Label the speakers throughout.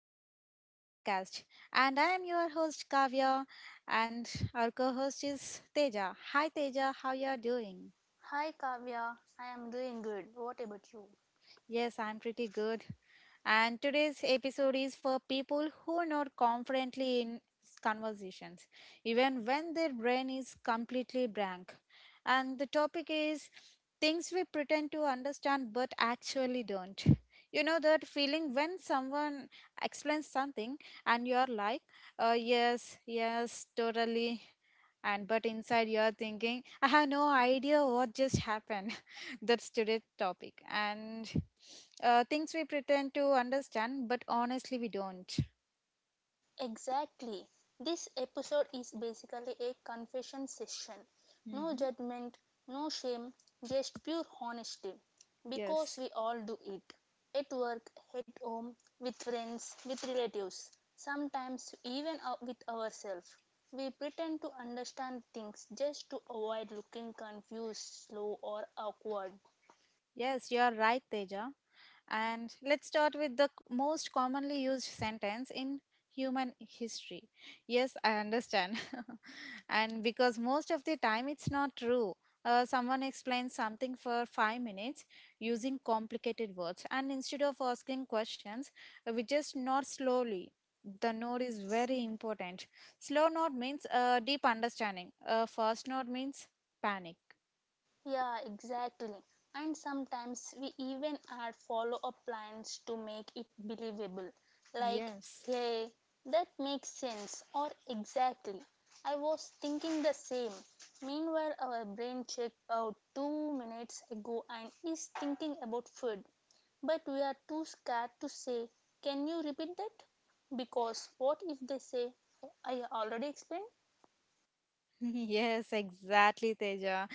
Speaker 1: Welcome back to the podcast. And I am your host, Kavya, and our co host is Teja. Hi, Teja. How you are doing?
Speaker 2: Hi Kavya, I am doing good. What about you?
Speaker 1: Yes, I'm pretty good. And today's episode is for people who are not confidently in conversations, even when their brain is completely blank. And the topic is things we pretend to understand but actually don't. You know that feeling when someone explains something and you're like, yes, yes, totally, and but inside you're thinking I have no idea what just happened. That's today's topic. And things we pretend to understand but honestly we don't.
Speaker 2: Exactly. This episode is basically a confession session. No
Speaker 1: Hmm.
Speaker 2: judgment, no shame, just pure honesty. Because
Speaker 1: Yes,
Speaker 2: we all do it. At work, at home, with friends, with relatives, sometimes even with ourselves. We pretend to understand things just to avoid looking confused, slow, or awkward.
Speaker 1: yes, you're right, Teja. And let's start with the most commonly used sentence in human history. Yes, I understand. And because most of the time it's not true. Someone explains something for 5 minutes using complicated words, and instead of asking questions, we just nod slowly. The nod is very important. Slow nod means deep understanding. Fast nod means panic.
Speaker 2: Yeah, exactly. And sometimes we even add follow up lines to make it believable. Like,
Speaker 1: Yes.
Speaker 2: hey, that makes sense, or exactly. I was thinking the same. Meanwhile, our brain checked out 2 minutes ago and is thinking about food. But we are too scared to say, can you repeat that? Because what if they say, I already explained?
Speaker 1: Yes, exactly, Teja.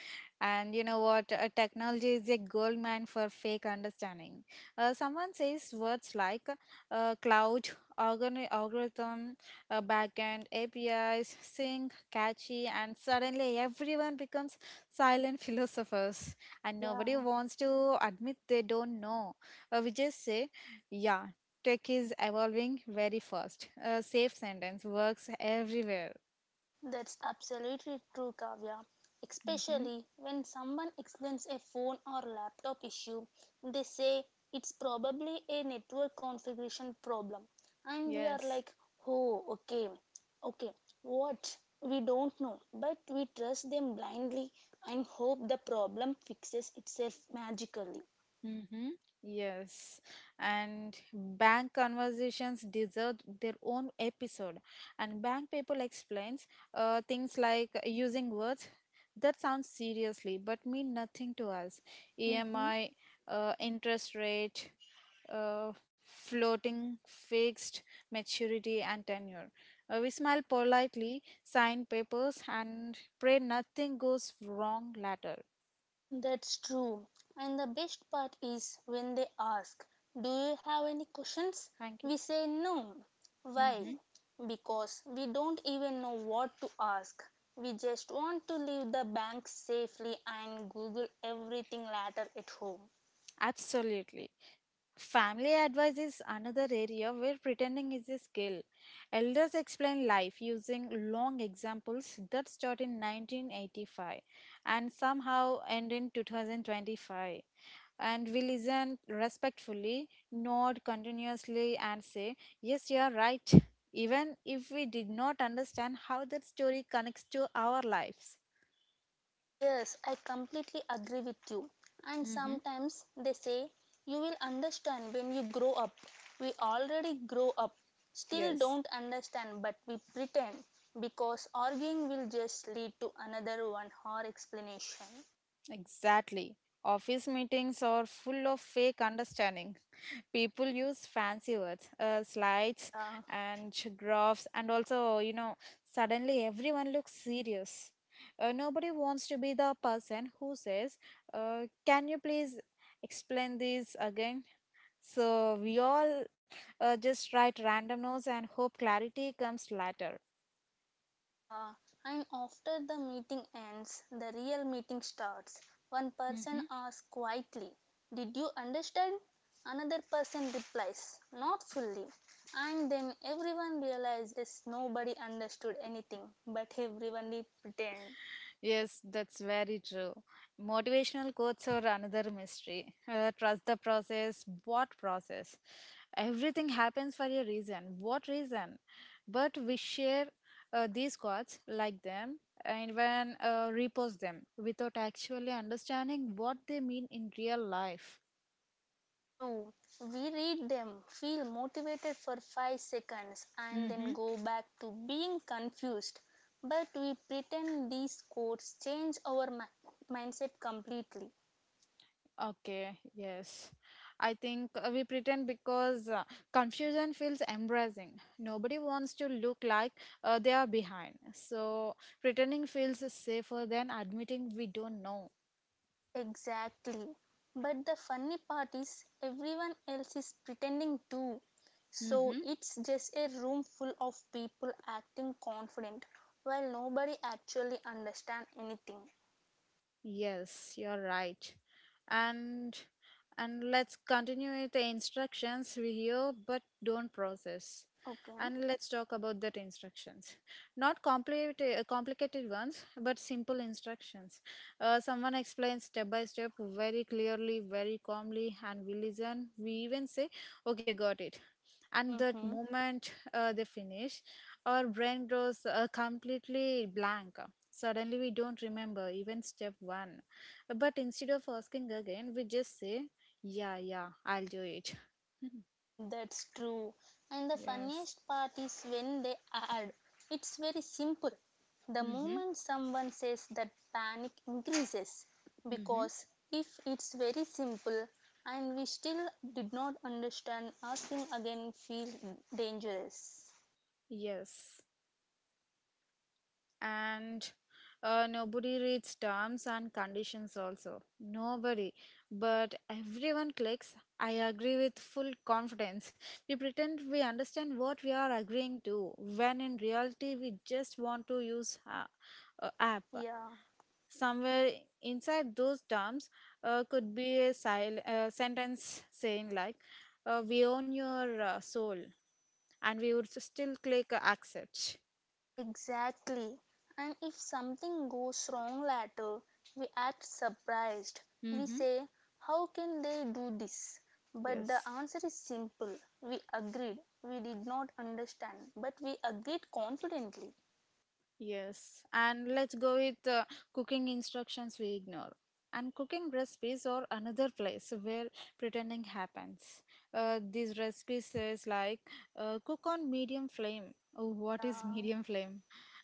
Speaker 1: And you know what? Technology is a gold mine for fake understanding. Someone says words like cloud, algorithm, backend, APIs, sync, catchy, and suddenly everyone becomes silent philosophers. And nobody
Speaker 2: Yeah,
Speaker 1: wants to admit they don't know. We just say, yeah, tech is evolving very fast. A safe sentence works everywhere.
Speaker 2: that's absolutely true, Kavya.
Speaker 1: Hmm.
Speaker 2: Especially when someone explains a phone or laptop issue, they say it's probably a network configuration problem. And we are
Speaker 1: Yes.
Speaker 2: like, oh, okay, okay, what? We don't know, but we trust them blindly and hope the problem fixes itself magically.
Speaker 1: Mm-hmm. Yes, and bank conversations deserve their own episode. And bank people explains things like using words that sound seriously but mean nothing to us.
Speaker 2: Mm-hmm.
Speaker 1: EMI, interest rate, floating, fixed, maturity, and tenure. We smile politely, sign papers, and pray nothing goes wrong later.
Speaker 2: That's true. And the best part is when they ask, do you have any questions?
Speaker 1: Thank you.
Speaker 2: We say no. Why?
Speaker 1: Mhm.
Speaker 2: Because we don't even know what to ask. We just want to leave the bank safely and Google everything later at home.
Speaker 1: Absolutely. Family advice is another area where pretending is a skill. Elders explain life using long examples that start in 1985 and somehow end in 2025. And we listen respectfully, nod continuously, and say, yes, you are right, even if we did not understand how that story connects to our lives.
Speaker 2: Yes, I completely agree with you. And
Speaker 1: Hmm.
Speaker 2: sometimes they say, you will understand when you grow up. We already grow up, still
Speaker 1: Yes.
Speaker 2: don't understand, but we pretend because arguing will just lead to another 1 hour explanation.
Speaker 1: Exactly. Office meetings are full of fake understanding. People use fancy words, slides,
Speaker 2: Yeah.
Speaker 1: and graphs, and also, suddenly everyone looks serious. Nobody wants to be the person who says, can you please explain this again? So we all just write random notes and hope clarity comes later.
Speaker 2: Yeah, and after the meeting ends, the real meeting starts. One person asks quietly, did you understand? Another person replies, not fully. And then everyone realizes nobody understood anything, but everyone did pretend.
Speaker 1: Yes, that's very true. Motivational quotes are another mystery. Trust the process. What process? Everything happens for a reason. What reason? But we share these quotes, like them, and when repost them without actually understanding what they mean in real life.
Speaker 2: True. We read them, feel motivated for 5 seconds, and
Speaker 1: Mm-hmm.
Speaker 2: then go back to being confused. But we pretend these quotes change our mindset completely.
Speaker 1: Okay, yes. I think we pretend because confusion feels embarrassing. Nobody wants to look like they are behind. So pretending feels safer than admitting we don't know.
Speaker 2: Exactly. But the funny part is, everyone else is pretending too. So
Speaker 1: Mhm.
Speaker 2: it's just a room full of people acting confident while nobody actually understand anything.
Speaker 1: Yes, you're right. And and let's continue with the instructions we hear but don't process.
Speaker 2: Okay.
Speaker 1: And let's talk about that instructions. Not complicated complicated ones, but simple instructions. Someone explains step by step very clearly, very calmly, and we listen. We even say, "Okay, got it." And that
Speaker 2: Mm-hmm.
Speaker 1: moment they finish, our brain goes completely blank. Suddenly, we don't remember even step one. But instead of asking again, we just say, yeah, yeah, I'll do it.
Speaker 2: Mm, that's true. And the
Speaker 1: Yes.
Speaker 2: funniest part is when they add, it's very simple. The
Speaker 1: Mm-hmm.
Speaker 2: moment someone says that, panic increases
Speaker 1: Mm-hmm.
Speaker 2: because if it's very simple and we still did not understand, asking again feels dangerous.
Speaker 1: Yes. And nobody reads terms and conditions also. Nobody. But everyone clicks, I agree with full confidence. We pretend we understand what we are agreeing to, when in reality, we just want to use app.
Speaker 2: Yeah.
Speaker 1: Somewhere inside those terms could be a sentence saying like, "We own your soul," and we would still click accept.
Speaker 2: Exactly. And if something goes wrong later, we act surprised. We
Speaker 1: Mm-hmm.
Speaker 2: say, how can they do this? But the
Speaker 1: Yes,
Speaker 2: answer is simple. We agreed. We did not understand, but we agreed confidently.
Speaker 1: yes. And let's go with cooking instructions we ignore. And cooking recipes or another place where pretending happens. These recipes says like cook on medium flame. Oh, what is
Speaker 2: Yeah.
Speaker 1: medium flame?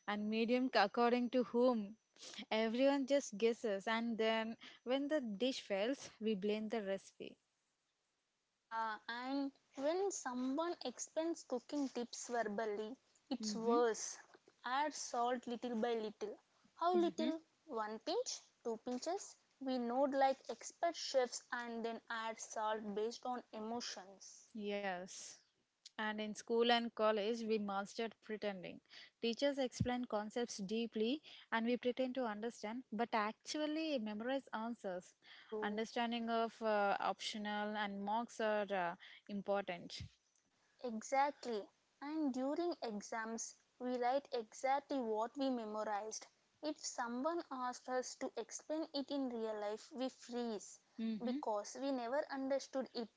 Speaker 1: And medium according to whom? Everyone just guesses, and then when the dish fails, we blame the recipe.
Speaker 2: Yeah, and when someone explains cooking tips verbally, it's
Speaker 1: Mm-hmm.
Speaker 2: worse. Add salt little by little. How
Speaker 1: Mm-hmm.
Speaker 2: little? One pinch? Two pinches? We nod like expert chefs and then add salt based on emotions.
Speaker 1: Yes. And in school and college, we mastered pretending. Teachers explain concepts deeply and we pretend to understand, but actually memorize answers.
Speaker 2: True.
Speaker 1: Understanding of optional and marks are important.
Speaker 2: Exactly. And during exams, we write exactly what we memorized. If someone asked us to explain it in real life, we freeze because we never understood it.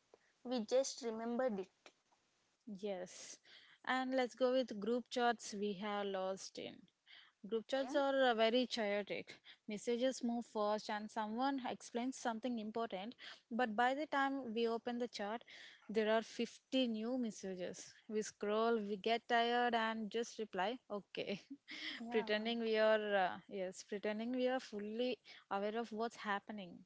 Speaker 2: We just remembered it.
Speaker 1: Yes, and let's go with group chats we have lost in. Group
Speaker 2: Okay.
Speaker 1: chats are very chaotic. Messages move fast, and someone explains something important. But by the time we open the chat, there are 50 new messages. We scroll, we get tired, and just reply, okay.
Speaker 2: Yeah.
Speaker 1: Pretending we are fully aware of what's happening.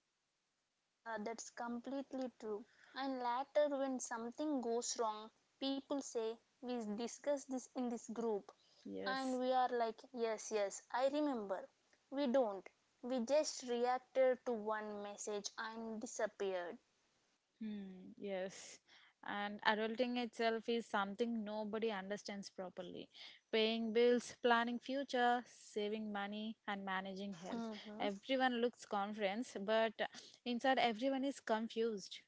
Speaker 2: Yeah, that's completely true. And later, when something goes wrong, people say, we discussed this in this group.
Speaker 1: Yes.
Speaker 2: And we are like, yes, yes, I remember. We don't. We just reacted to one message and disappeared.
Speaker 1: Hmm, yes. And adulting itself is something nobody understands properly. Paying bills, planning future, saving money, and managing health.
Speaker 2: Mhm.
Speaker 1: Everyone looks confident, but inside everyone is confused.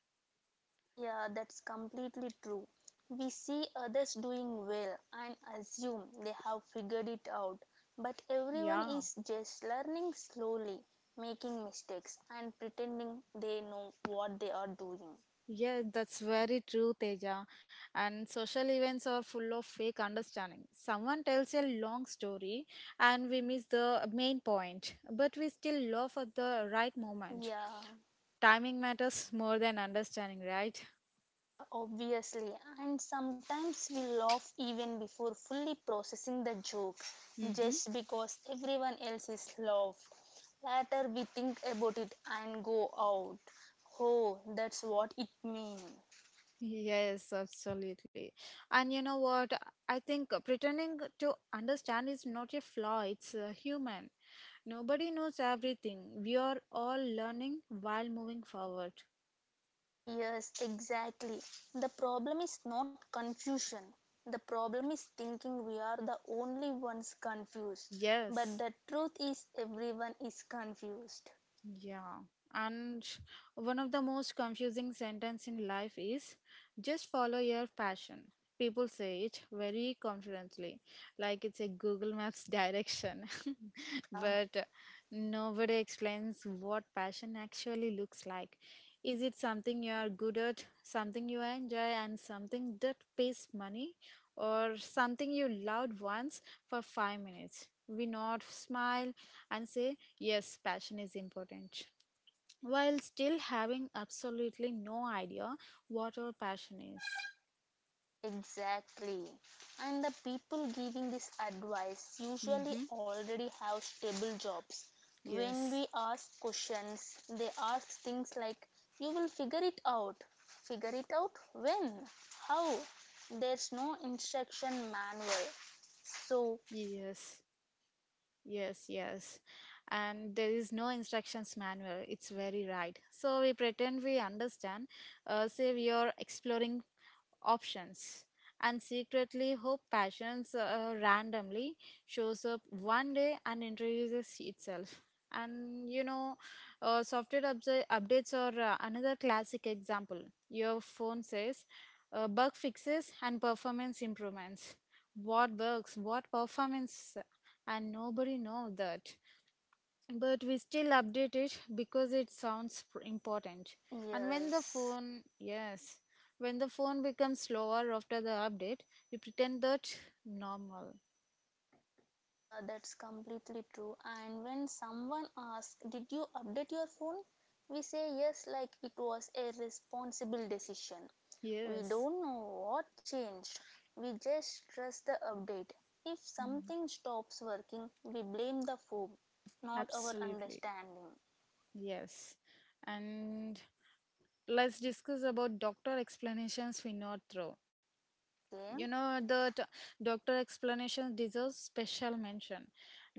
Speaker 2: Yeah, that's completely true. We see others doing well and assume they have figured it out, but everyone
Speaker 1: Yeah.
Speaker 2: is just learning slowly, making mistakes, and pretending they know what they are doing.
Speaker 1: Yes, that's very true, Teja. And social events are full of fake understanding. Someone tells a long story and we miss the main point, but we still laugh at the right moment.
Speaker 2: Yeah.
Speaker 1: Timing matters more than understanding, right?
Speaker 2: Yeah, obviously. And sometimes we laugh even before fully processing the joke,
Speaker 1: Mm-hmm.
Speaker 2: just because everyone else is laughed. Later we think about it and go out. Oh, that's what it means.
Speaker 1: Yes, absolutely. And you know what? I think pretending to understand is not a flaw, it's human. Nobody knows everything. We are all learning while moving forward.
Speaker 2: Yes, exactly. The problem is not confusion. The problem is thinking we are the only ones confused. But
Speaker 1: Yes.
Speaker 2: the truth is, everyone is confused.
Speaker 1: Yeah, and one of the most confusing sentence in life is just follow your passion. People say it very confidently, like it's a Google Maps direction.
Speaker 2: Yeah.
Speaker 1: But nobody explains what passion actually looks like. Is it something you are good at, something you enjoy, and something that pays money, or something you loved once for 5 minutes? We nod, smile, and say yes, passion is important. While still having absolutely no idea what our passion is.
Speaker 2: Exactly. And the people giving this advice usually
Speaker 1: Mm-hmm.
Speaker 2: already have stable jobs. When
Speaker 1: Yes,
Speaker 2: we ask questions, they ask things like, you will figure it out. Figure it out when? How? There's no instruction manual. So,
Speaker 1: yes, yes, yes. And there is no instructions manual. It's very right. So we pretend we understand, say we are exploring options and secretly hope passions randomly shows up one day and introduces itself. And software updates are another classic example. Your phone says bug fixes and performance improvements. What bugs? What performance? And nobody knows that, but we still update it because it sounds important. and when the
Speaker 2: yes,
Speaker 1: phone yes when the phone becomes slower after the update, we pretend that normal.
Speaker 2: that's completely true. And when someone asks, did you update your phone? We say yes, like it was a responsible decision. We
Speaker 1: Yes.
Speaker 2: don't know what changed. We just trust the update. If
Speaker 1: Mm.
Speaker 2: something stops working, we blame the phone, not our
Speaker 1: Absolutely.
Speaker 2: understanding.
Speaker 1: Yes. And let's discuss about doctor explanations we not throw.
Speaker 2: Okay?
Speaker 1: You know, the doctor explanation deserves special mention.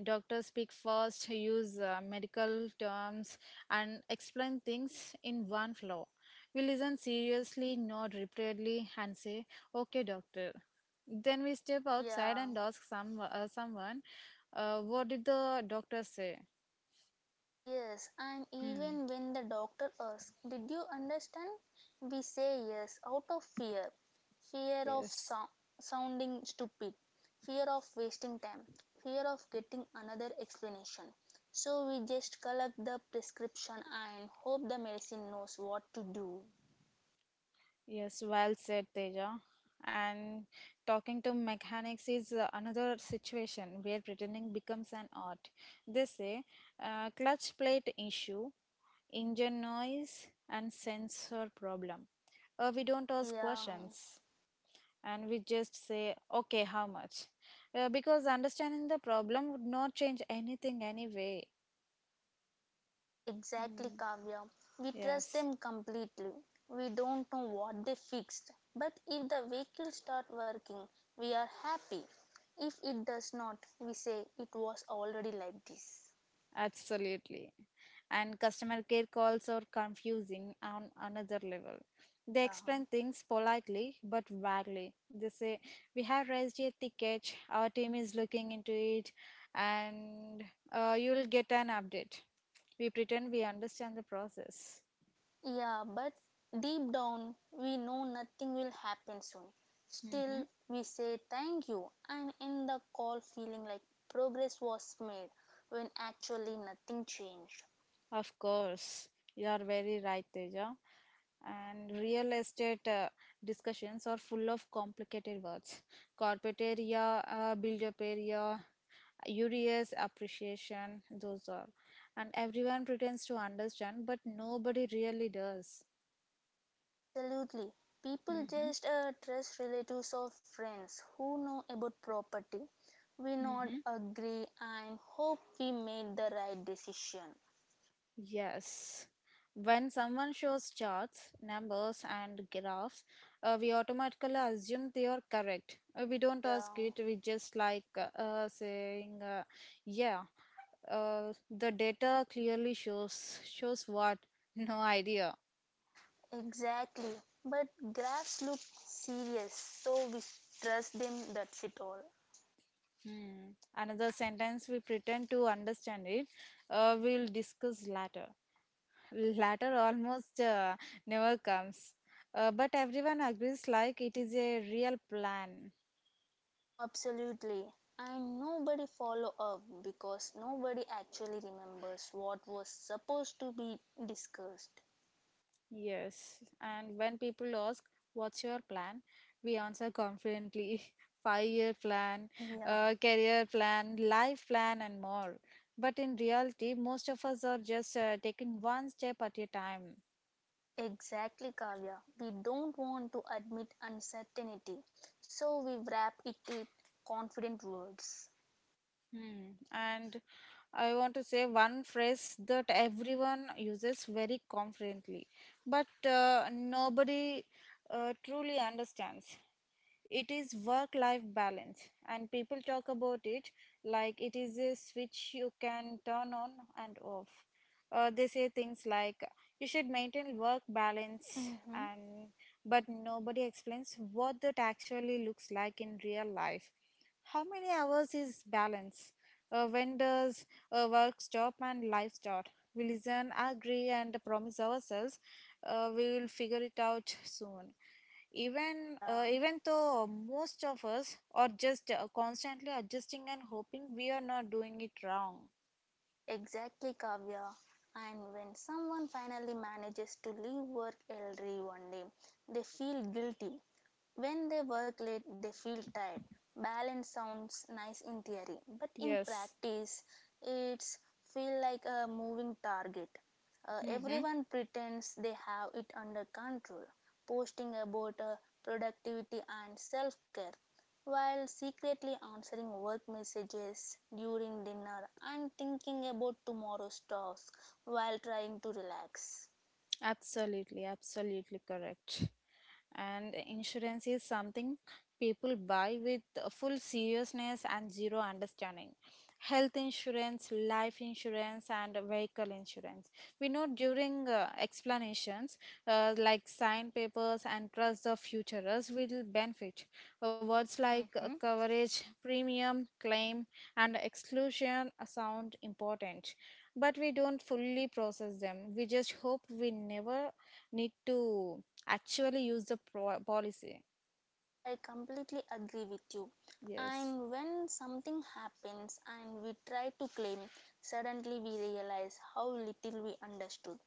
Speaker 1: Doctors speak first, use medical terms and explain things in one flow. We listen seriously, nod repeatedly, and say, okay, doctor. Then we step outside
Speaker 2: Yeah.
Speaker 1: and ask someone, what did the doctor say?
Speaker 2: Yes, and
Speaker 1: Hmm.
Speaker 2: even when the doctor asks, did you understand? We say yes out of fear, fear of
Speaker 1: Yes.
Speaker 2: sounding stupid, fear of wasting time, fear of getting another explanation. So we just collect the prescription and hope the medicine knows what to do.
Speaker 1: Yes, well said, Teja. And talking to mechanics is another situation where pretending becomes an art. They say clutch plate issue, engine noise, and sensor problem. We don't ask
Speaker 2: Yeah.
Speaker 1: questions and we just say, okay, how much? Because understanding the problem would not change anything anyway.
Speaker 2: Exactly,
Speaker 1: Hmm.
Speaker 2: Kavya. We trust
Speaker 1: Yes.
Speaker 2: them completely. We don't know what they fixed, but if the vehicle start working, we are happy. If it does not, we say it was already like this.
Speaker 1: Absolutely. And customer care calls are confusing on another level. They
Speaker 2: Yeah.
Speaker 1: explain things politely but vaguely. They say, we have raised a ticket, our team is looking into it, and you will get an update. We pretend we understand the process.
Speaker 2: Yeah, but deep down, we know nothing will happen soon.
Speaker 1: Hmm.
Speaker 2: Still, we say thank you and end the call feeling like progress was made when actually nothing changed.
Speaker 1: Of course, you are very right, Teja. And real estate discussions are full of complicated words. Corporate area, build up area, Urias, appreciation, those are. And everyone pretends to understand, but nobody really does.
Speaker 2: Absolutely. People
Speaker 1: Mm-hmm.
Speaker 2: just trust relatives or friends who know about property. We not
Speaker 1: Mm-hmm.
Speaker 2: agree and hope we made the right decision.
Speaker 1: Yes. When someone shows charts, numbers, and graphs, we automatically assume they are correct. We don't ask
Speaker 2: Yeah,
Speaker 1: it, we just like saying, yeah, the data clearly shows, shows what? No idea.
Speaker 2: exactly. But graphs look serious, so we trust them, that's it all.
Speaker 1: Hmm. Another sentence we pretend to understand it. We'll discuss later. Later almost never comes. But everyone agrees like it is a real plan.
Speaker 2: Absolutely. And nobody follow up because nobody actually remembers what was supposed to be discussed.
Speaker 1: Yes. And when people ask, what's your plan? We answer confidently 5-year plan,
Speaker 2: Yeah.
Speaker 1: career plan, life plan, and more. But in reality, most of us are just taking one step at a time.
Speaker 2: Exactly, Kavya. We don't want to admit uncertainty, so we wrap it in confident words.
Speaker 1: Hmm. And I want to say one phrase that everyone uses very confidently, but nobody truly understands. It is work life balance, and people talk about it like it is a switch you can turn on and off. They say things like, you should maintain work balance
Speaker 2: Mm-hmm.
Speaker 1: and but nobody explains what that actually looks like in real life. How many hours is balance? When does work stop and life start? We listen, agree, and promise ourselves we will figure it out soon. Even uh,
Speaker 2: Yeah.
Speaker 1: even though most of us are just constantly adjusting and hoping we are not doing it wrong.
Speaker 2: Exactly, Kavya. And when someone finally manages to leave work early one day, they feel guilty. When they work late, they feel tired. Balance sounds nice in theory, but in
Speaker 1: Yes.
Speaker 2: practice, it's feel like a moving target. Uh,
Speaker 1: Mhm.
Speaker 2: everyone pretends they have it under control, posting about productivity and self-care, while secretly answering work messages during dinner and thinking about tomorrow's task while trying to relax.
Speaker 1: Absolutely, absolutely correct. And insurance is something people buy with a full seriousness and zero understanding. Health insurance, life insurance, and vehicle insurance. We know during explanations, like sign papers and trust the futurists will benefit. Words like
Speaker 2: Mm-hmm.
Speaker 1: coverage, premium, claim, and exclusion sound important but we don't fully process them. We just hope we never need to actually use the policy.
Speaker 2: I completely agree with you.
Speaker 1: Yes.
Speaker 2: And when something happens and we try to claim, suddenly we realize how little we understood.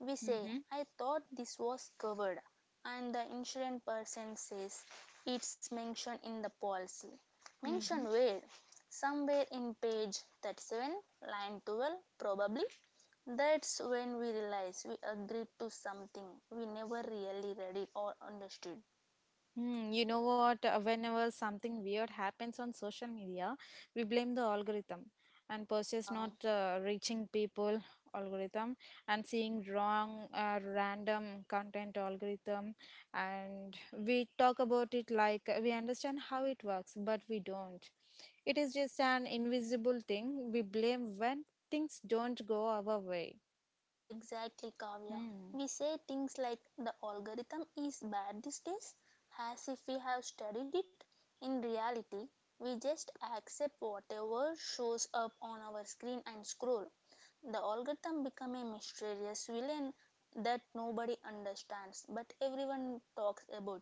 Speaker 2: We say,
Speaker 1: Mm-hmm.
Speaker 2: I thought this was covered, and the insurance person says it's mentioned in the policy. Mentioned
Speaker 1: Mm-hmm.
Speaker 2: where? Somewhere in page 37, line 12, probably. That's when we realize we agreed to something we never really read it or understood.
Speaker 1: Hmm, you know what? Whenever something weird happens on social media, we blame the algorithm and purchase
Speaker 2: Yeah,
Speaker 1: not reaching people algorithm and seeing wrong random content algorithm, and we talk about it like we understand how it works, but we don't. It is just an invisible thing we blame when things don't go our way.
Speaker 2: exactly, Kavya.
Speaker 1: Hmm.
Speaker 2: We say things like the algorithm is bad these days as if we have studied it. In reality, we just accept whatever shows up on our screen and scroll. The algorithm become a mysterious villain that nobody understands, but everyone talks about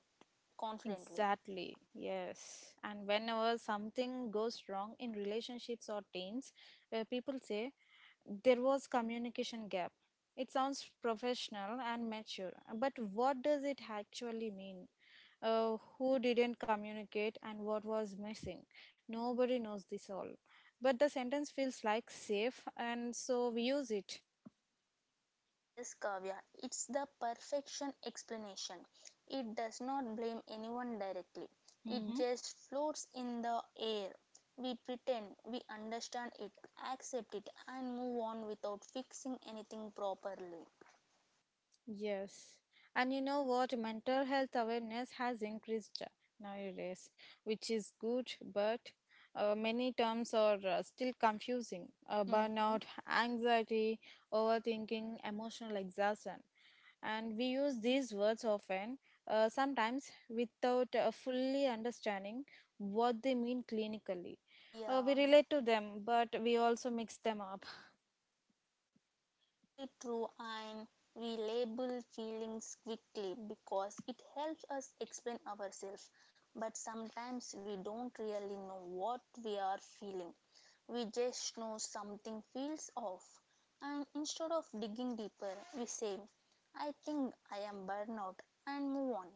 Speaker 2: confidently.
Speaker 1: Exactly. Yes. And whenever something goes wrong in relationships or teams, where people say there was communication gap. It sounds professional and mature, but what does it actually mean? Who didn't communicate and what was missing? Nobody knows this all. But the sentence feels like safe, and so we use it.
Speaker 2: Yes, Kavya, it's the perfection explanation. It does not blame anyone directly, it
Speaker 1: Mm-hmm.
Speaker 2: just floats in the air. We pretend we understand it, accept it, and move on without fixing anything properly.
Speaker 1: Yes. And you know what? Mental health awareness has increased nowadays, which is good, but many terms are still confusing.
Speaker 2: Mm-hmm.
Speaker 1: Burnout, anxiety, overthinking, emotional exhaustion. And we use these words often, sometimes without fully understanding what they mean clinically. We
Speaker 2: Yeah.
Speaker 1: relate to them, but we also mix them up.
Speaker 2: Completely true, and we label feelings quickly because it helps us explain ourselves, but sometimes we don't really know what we are feeling. We just know something feels off, and instead of digging deeper we say, I think I am burnout, and move on.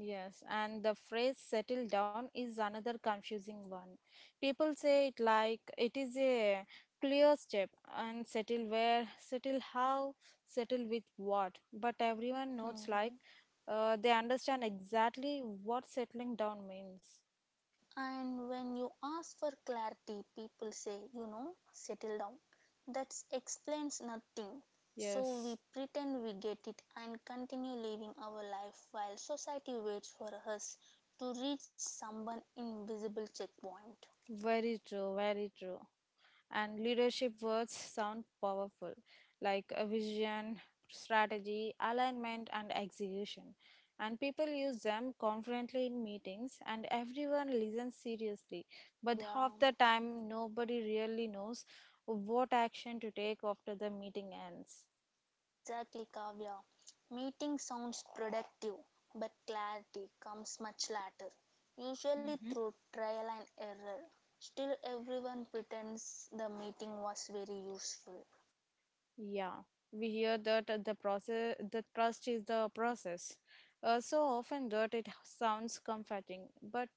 Speaker 1: Yes, and the phrase settle down is another confusing one. People say it like it is a clear step, and settle where, settle how, settle with what. But everyone notes like
Speaker 2: Mhm.
Speaker 1: they understand exactly what settling down means.
Speaker 2: And when you ask for clarity, people say, you know, settle down. That explains nothing. So
Speaker 1: Yes,
Speaker 2: we pretend we get it and continue living our life while society waits for us to reach someone invisible checkpoint.
Speaker 1: very true, very true. And leadership words sound powerful, like a vision, strategy, alignment, and execution. And people use them confidently in meetings, and everyone listens seriously. But half
Speaker 2: Yeah,
Speaker 1: the time, nobody really knows what action to take after the meeting ends.
Speaker 2: exactly, Kavya. Meeting sounds productive, but clarity comes much later, usually
Speaker 1: Mm-hmm.
Speaker 2: through trial and error. Still, everyone pretends the meeting was very useful.
Speaker 1: Yeah, we hear that the process, the trust is the process. So often that it sounds comforting, but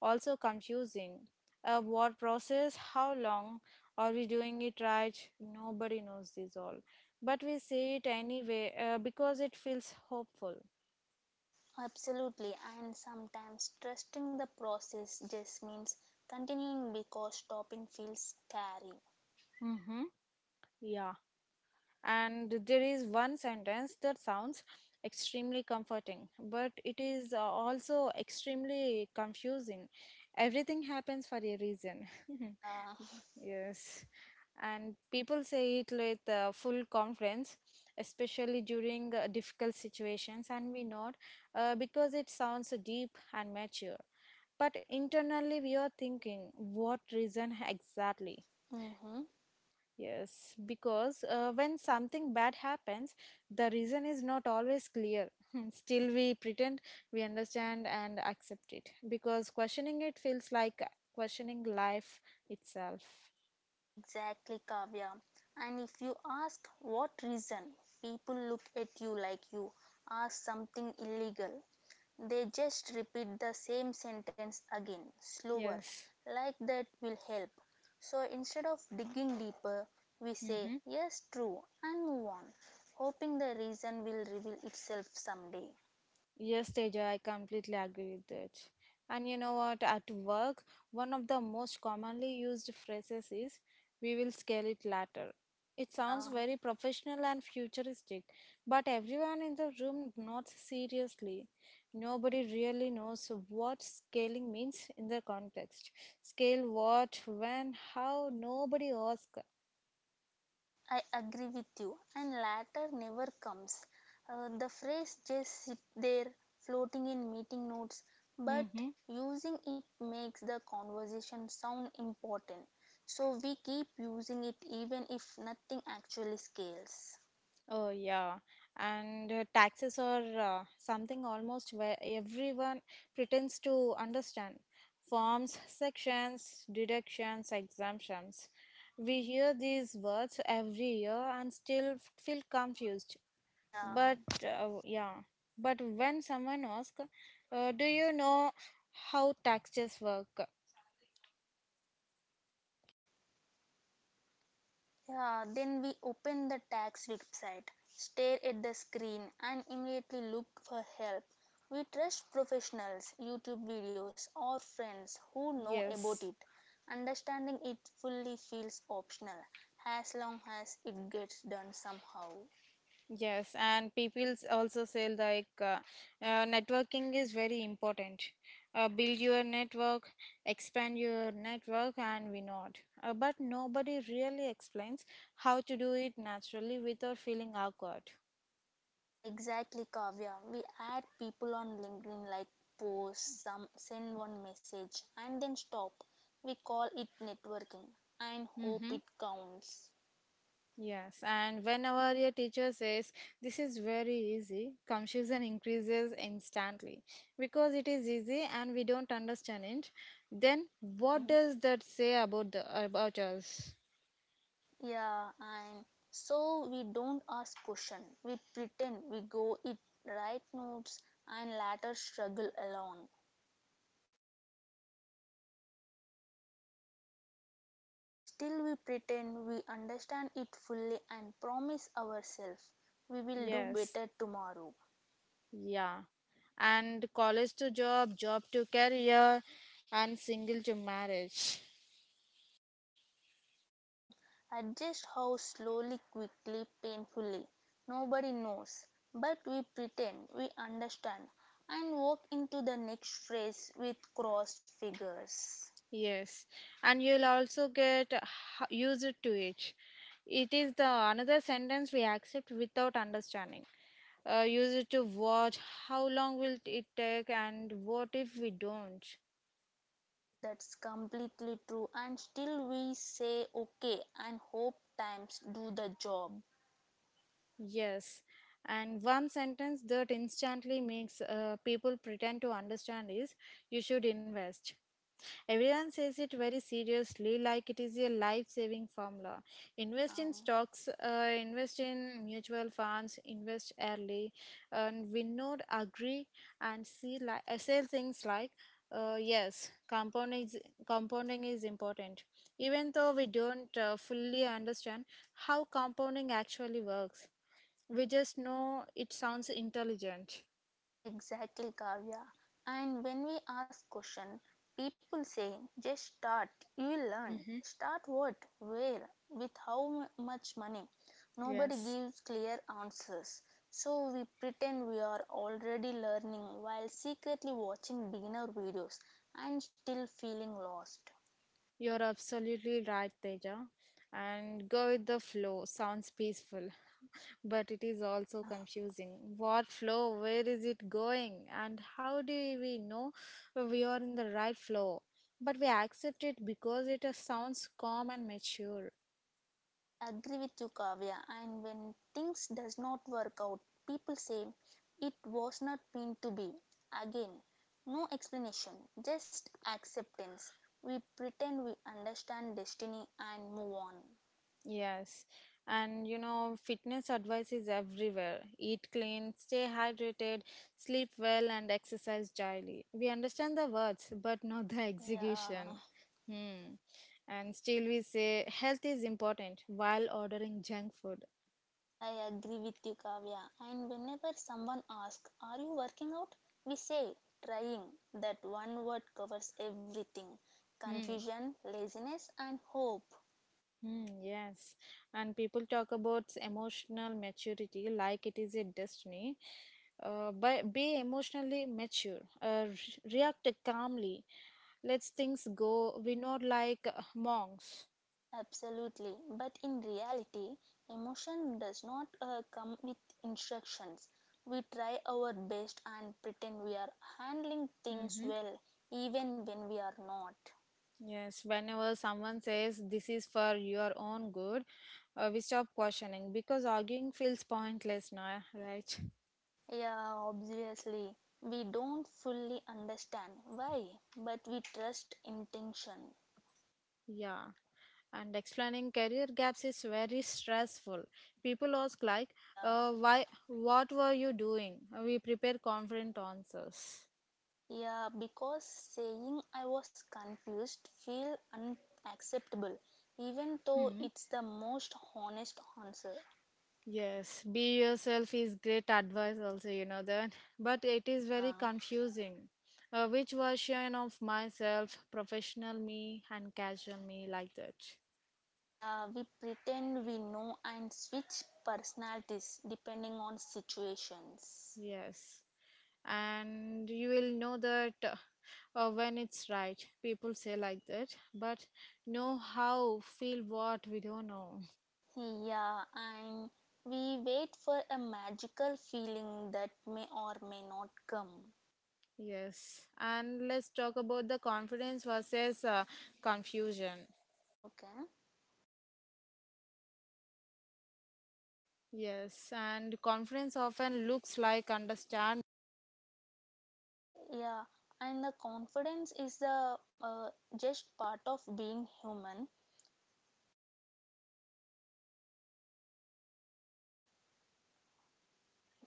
Speaker 1: also confusing. What process? How long, are we doing it right? Nobody knows this all, but we say it anyway because it feels hopeful.
Speaker 2: Absolutely, and sometimes trusting the process just means continuing because stopping feels scary.
Speaker 1: Mm-hmm. Yeah. And there is one sentence that sounds extremely comforting, but it is also extremely confusing. Everything happens for a reason.
Speaker 2: Yeah,
Speaker 1: Yes. And people say it with full confidence, especially during difficult situations, and we nod because it sounds deep and mature. But internally, we are thinking, what reason exactly?
Speaker 2: mm-hmm.
Speaker 1: Yes, because when something bad happens, the reason is not always clear. Still, we pretend we understand and accept it because questioning it feels like questioning life itself.
Speaker 2: Exactly, Kavya. And if you ask what reason, people look at you like you ask something illegal. They just repeat the same sentence again, slower,
Speaker 1: Yes.
Speaker 2: like that will help. So instead of digging deeper, we say,
Speaker 1: Mhm.
Speaker 2: yes, true, and move on, hoping the reason will reveal itself someday.
Speaker 1: Yes, Teja, I completely agree with that. And you know what? At work, one of the most commonly used phrases is we will scale it later. It sounds
Speaker 2: Yeah.
Speaker 1: very professional and futuristic, but everyone in the room nods seriously. Nobody really knows what scaling means in the context. Scale what, when, how, nobody asks.
Speaker 2: I agree with you, and latter never comes. The phrase just sit there floating in meeting notes, but
Speaker 1: Mm-hmm.
Speaker 2: using it makes the conversation sound important. So we keep using it even if nothing actually scales.
Speaker 1: Oh, yeah. And taxes are something almost where everyone pretends to understand. Forms, sections, deductions, exemptions. We hear these words every year and still feel confused.
Speaker 2: Yeah.
Speaker 1: But uh, yeah, but when someone asks, do you know how taxes work?
Speaker 2: Yeah, then we open the tax website, stare at the screen, and immediately look for help. We trust professionals, YouTube videos, or friends who know about it.
Speaker 1: Yes,
Speaker 2: Understanding it fully feels optional as long as it gets done somehow.
Speaker 1: yes, and people also say like networking is very important. Build your network, expand your network, and we not. But nobody really explains how to do it naturally without feeling awkward.
Speaker 2: Exactly, Kavya. We add people on LinkedIn like post, some send one message, and then stop. We call it networking and
Speaker 1: Mm-hmm.
Speaker 2: hope it counts.
Speaker 1: Yes, and whenever your teacher says this is very easy, confusion increases instantly because it is easy and we don't understand it. Then what
Speaker 2: Mhm.
Speaker 1: does that say about the about us?
Speaker 2: Yeah, and so we don't ask question. We pretend we go it, write notes and later struggle alone. Still we pretend we understand it fully and promise ourselves we will do
Speaker 1: Yes,
Speaker 2: better tomorrow.
Speaker 1: yeah. And college to job, job to career, and single to marriage.
Speaker 2: Mm, adjust how slowly, quickly, painfully. Nobody knows. But we pretend we understand and walk into the next phase with crossed fingers.
Speaker 1: Yes, and you'll also get used to it. It is the another sentence we accept without understanding. Used to watch, how long will it take, and what if we don't?
Speaker 2: That's completely true. And still we say okay and hope times do the job.
Speaker 1: Yes, and one sentence that instantly makes people pretend to understand is you should invest. Everyone says it very seriously, like it is a life saving formula. Invest in
Speaker 2: Yeah,
Speaker 1: stocks, invest in mutual funds, invest early. And we not agree and say things like, yes, compounding is important. Even though we don't fully understand how compounding actually works, we just know it sounds intelligent.
Speaker 2: exactly, Kavya. And when we ask question, people say just start. You will learn.
Speaker 1: Mm-hmm.
Speaker 2: Start what, where, with how much money. Nobody
Speaker 1: Yes.
Speaker 2: gives clear answers. So we pretend we are already learning while secretly watching beginner videos and still feeling lost.
Speaker 1: You're absolutely right, Teja. And go with the flow sounds peaceful, but it is
Speaker 2: Yeah.
Speaker 1: also confusing. What flow? Where is it going? And how do we know we are in the right flow? But we accept it because it sounds calm and mature.
Speaker 2: I agree with you, Kavya. And when things does not work out, people say it was not meant to be. Again, no explanation, just acceptance. We pretend we understand destiny and move on.
Speaker 1: Yes, and you know, fitness advice is everywhere. Eat clean, stay hydrated, sleep well, and exercise daily. We understand the words, but not the
Speaker 2: Yeah,
Speaker 1: execution. Hmm. And still, we say health is important while ordering junk food.
Speaker 2: I agree with you, Kavya. And whenever someone asks, are you working out? We say, trying. That one word covers everything,
Speaker 1: Hmm.
Speaker 2: confusion, laziness, and hope.
Speaker 1: Hmm. Yes, and people talk about emotional maturity like it is a destiny. But be emotionally mature, react calmly, let things go. We're not like monks.
Speaker 2: Absolutely. But in reality, emotion does not come with instructions. We try our best and pretend we are handling things
Speaker 1: Mm-hmm.
Speaker 2: well, even when we are not.
Speaker 1: Yes, whenever someone says this is for your own good, we stop questioning because arguing feels pointless now, right?
Speaker 2: Yeah, obviously. We don't fully understand why, but we trust intention.
Speaker 1: Yeah, and explaining career gaps is very stressful. People ask like,
Speaker 2: Yeah,
Speaker 1: why? What were you doing? We prepare confident answers.
Speaker 2: yeah, because saying I was confused feel unacceptable, even though
Speaker 1: Hmm.
Speaker 2: it's the most honest answer.
Speaker 1: Yes, be yourself is great advice also, you know that. But it is very
Speaker 2: Yeah.
Speaker 1: confusing. Which version of myself, professional me and casual me, like that.
Speaker 2: Yeah, we pretend we know and switch personalities depending on situations.
Speaker 1: Yes. And you will know that when it's right people say like that, but know how feel what we don't know.
Speaker 2: Yeah, and we wait for a magical feeling that may or may not come.
Speaker 1: Yes, and let's talk about the confidence versus confusion.
Speaker 2: Okay.
Speaker 1: Yes, and confidence often looks like understand.
Speaker 2: Yeah, and the confidence is the just part of being human.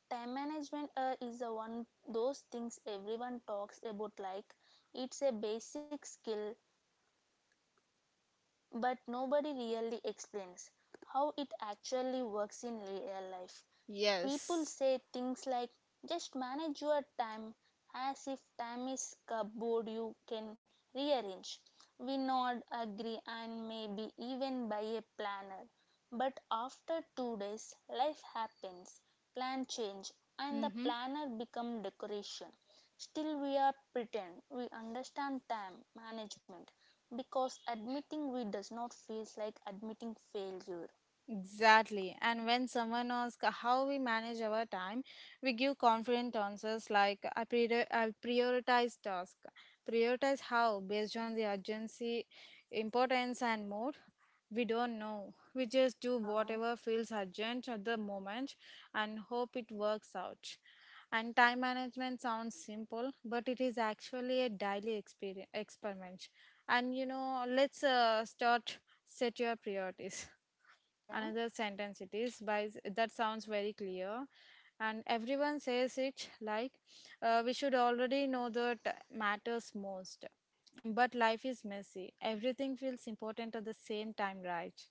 Speaker 2: Time management is the one those things everyone talks about like it's a basic skill but nobody really explains how it actually works in real life. People
Speaker 1: Yes.
Speaker 2: say things like just manage your time as if time is cupboard you can rearrange. We nod, agree, and maybe even buy a planner. But after 2 days, life happens, plan change, and the
Speaker 1: Mm-hmm.
Speaker 2: planner become decoration. Still, we are pretend we understand time management because admitting we does not feels like admitting failure.
Speaker 1: Exactly. And when someone asks how we manage our time, we give confident answers like I prioritize task. Prioritize how based on the urgency, importance, and mode. We don't know. We just do
Speaker 2: Yeah,
Speaker 1: whatever feels urgent at the moment and hope it works out. And time management sounds simple, but it is actually a daily experiment. And you know, let's start, set your priorities,
Speaker 2: okay.
Speaker 1: another sentence it is by, that sounds very clear, and everyone says it like we should already know that matters most, but life is messy, everything feels important at the same time, right?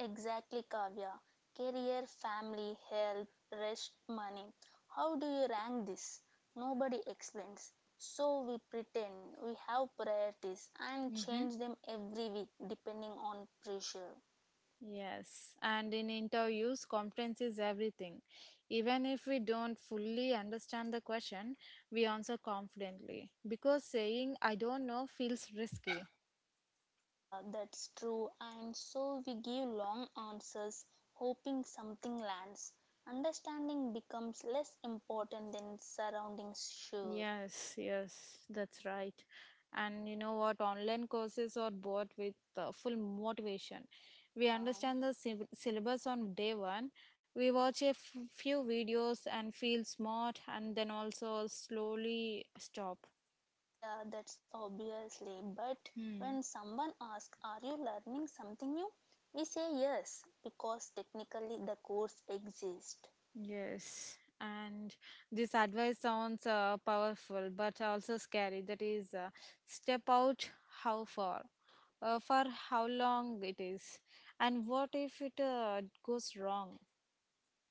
Speaker 2: Exactly, Kavya. Career, family, health, rest, money. How do you rank this? Nobody explains. So we pretend we have priorities and
Speaker 1: Mm-hmm.
Speaker 2: change them every week depending on pressure.
Speaker 1: Yes, and in interviews confidence is everything. Even if we don't fully understand the question, we answer confidently because saying I don't know feels risky.
Speaker 2: That's true, and so we give long answers hoping something lands. Understanding becomes less important than surroundings, sure.
Speaker 1: Yes, yes, that's right. And you know what? Online courses are bought with full motivation.
Speaker 2: Yeah.
Speaker 1: We understand the syllabus on day one. We watch a few videos and feel smart, and then also slowly stop.
Speaker 2: Yeah, that's obviously. But when
Speaker 1: Hmm.
Speaker 2: someone asks, are you learning something new? We say yes, because technically the course exists.
Speaker 1: Yes, and this advice sounds powerful but also scary. That is, step out how far, for how long it is, and what if it goes wrong.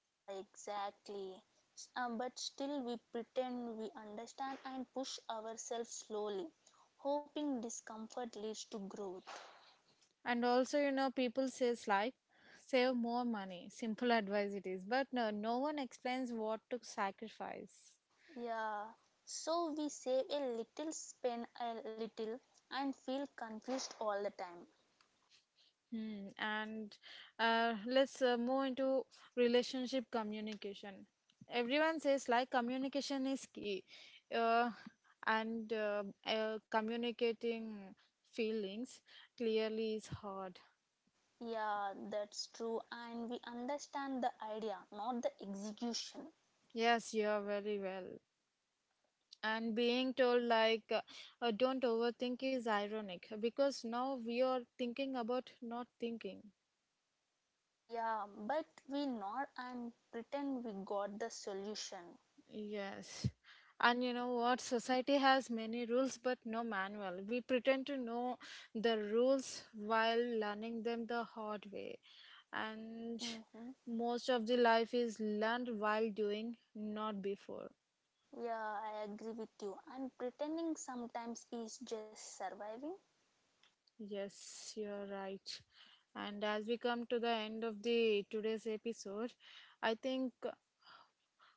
Speaker 2: Ah, exactly. But still, we pretend we understand and push ourselves slowly, hoping discomfort leads to growth.
Speaker 1: And also, you know, people says like, save more money. Simple advice it is, but no one explains what to sacrifice.
Speaker 2: Yeah, so we save a little, spend a little, and feel confused all the time.
Speaker 1: Hmm. And let's move into relationship communication. Everyone says like communication is key, uh, and communicating feelings clearly is hard.
Speaker 2: Yeah, that's true. And we understand the idea, not the execution.
Speaker 1: Yes, you are very well. And being told like don't overthink is ironic because now we are thinking about not thinking.
Speaker 2: Yeah, but we nod and pretend we got the solution.
Speaker 1: Yes. And you know what? Society has many rules but no manual. We pretend to know the rules while learning them the hard way. And
Speaker 2: Mm-hmm.
Speaker 1: most of the life is learned while doing, not before.
Speaker 2: Yeah, I agree with you. And pretending sometimes is just surviving.
Speaker 1: Yes, you're right. And as we come to the end of the today's episode, I think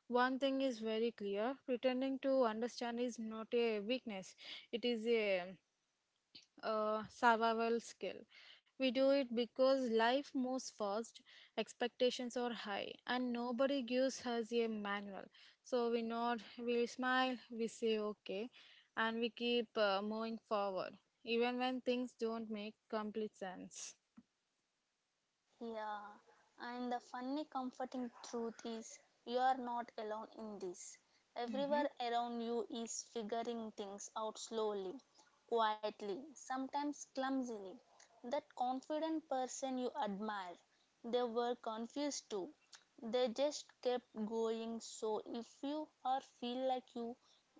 Speaker 1: one thing is very clear. Pretending to understand is not a weakness. It is a survival skill. We do it because life moves fast, expectations are high, and nobody gives us a manual. So we nod, we smile, we say okay, and we keep moving forward, even when things don't make complete sense.
Speaker 2: Yeah, and the funny, comforting truth is you are not alone in this. Everywhere
Speaker 1: Mhm.
Speaker 2: around you is figuring things out slowly, quietly, sometimes clumsily. That confident person you admire, they were confused too. They just kept going. So, if you or feel like you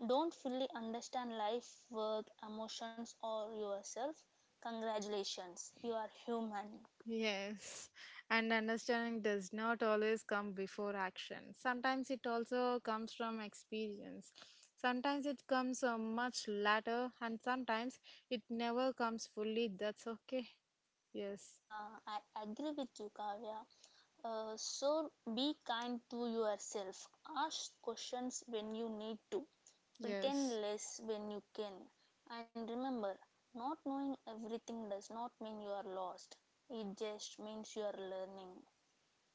Speaker 2: don't fully understand life, work, emotions, or yourself, congratulations, you are human.
Speaker 1: Yes, and understanding does not always come before action. Sometimes it also comes from experience. Sometimes it comes much later, and sometimes it never comes fully. That's okay. Yes,
Speaker 2: Yeah, I agree with you, Kavya. So be kind to yourself. Ask questions when you need to. Pretend
Speaker 1: yes.
Speaker 2: less when you can. And remember, not knowing everything does not mean you are lost. It just means you are learning.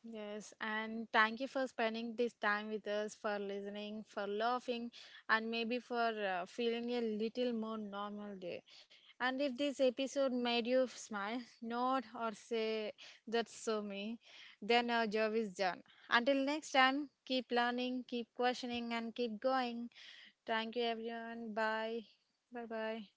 Speaker 1: Yes, and thank you for spending this time with us, for listening, for laughing, and maybe for feeling a little more normal day. And if this episode made you smile, nod, or say, that's so me, then our job is done. Until next time, keep learning, keep questioning, and keep going. Thank you, everyone. Bye. Bye bye.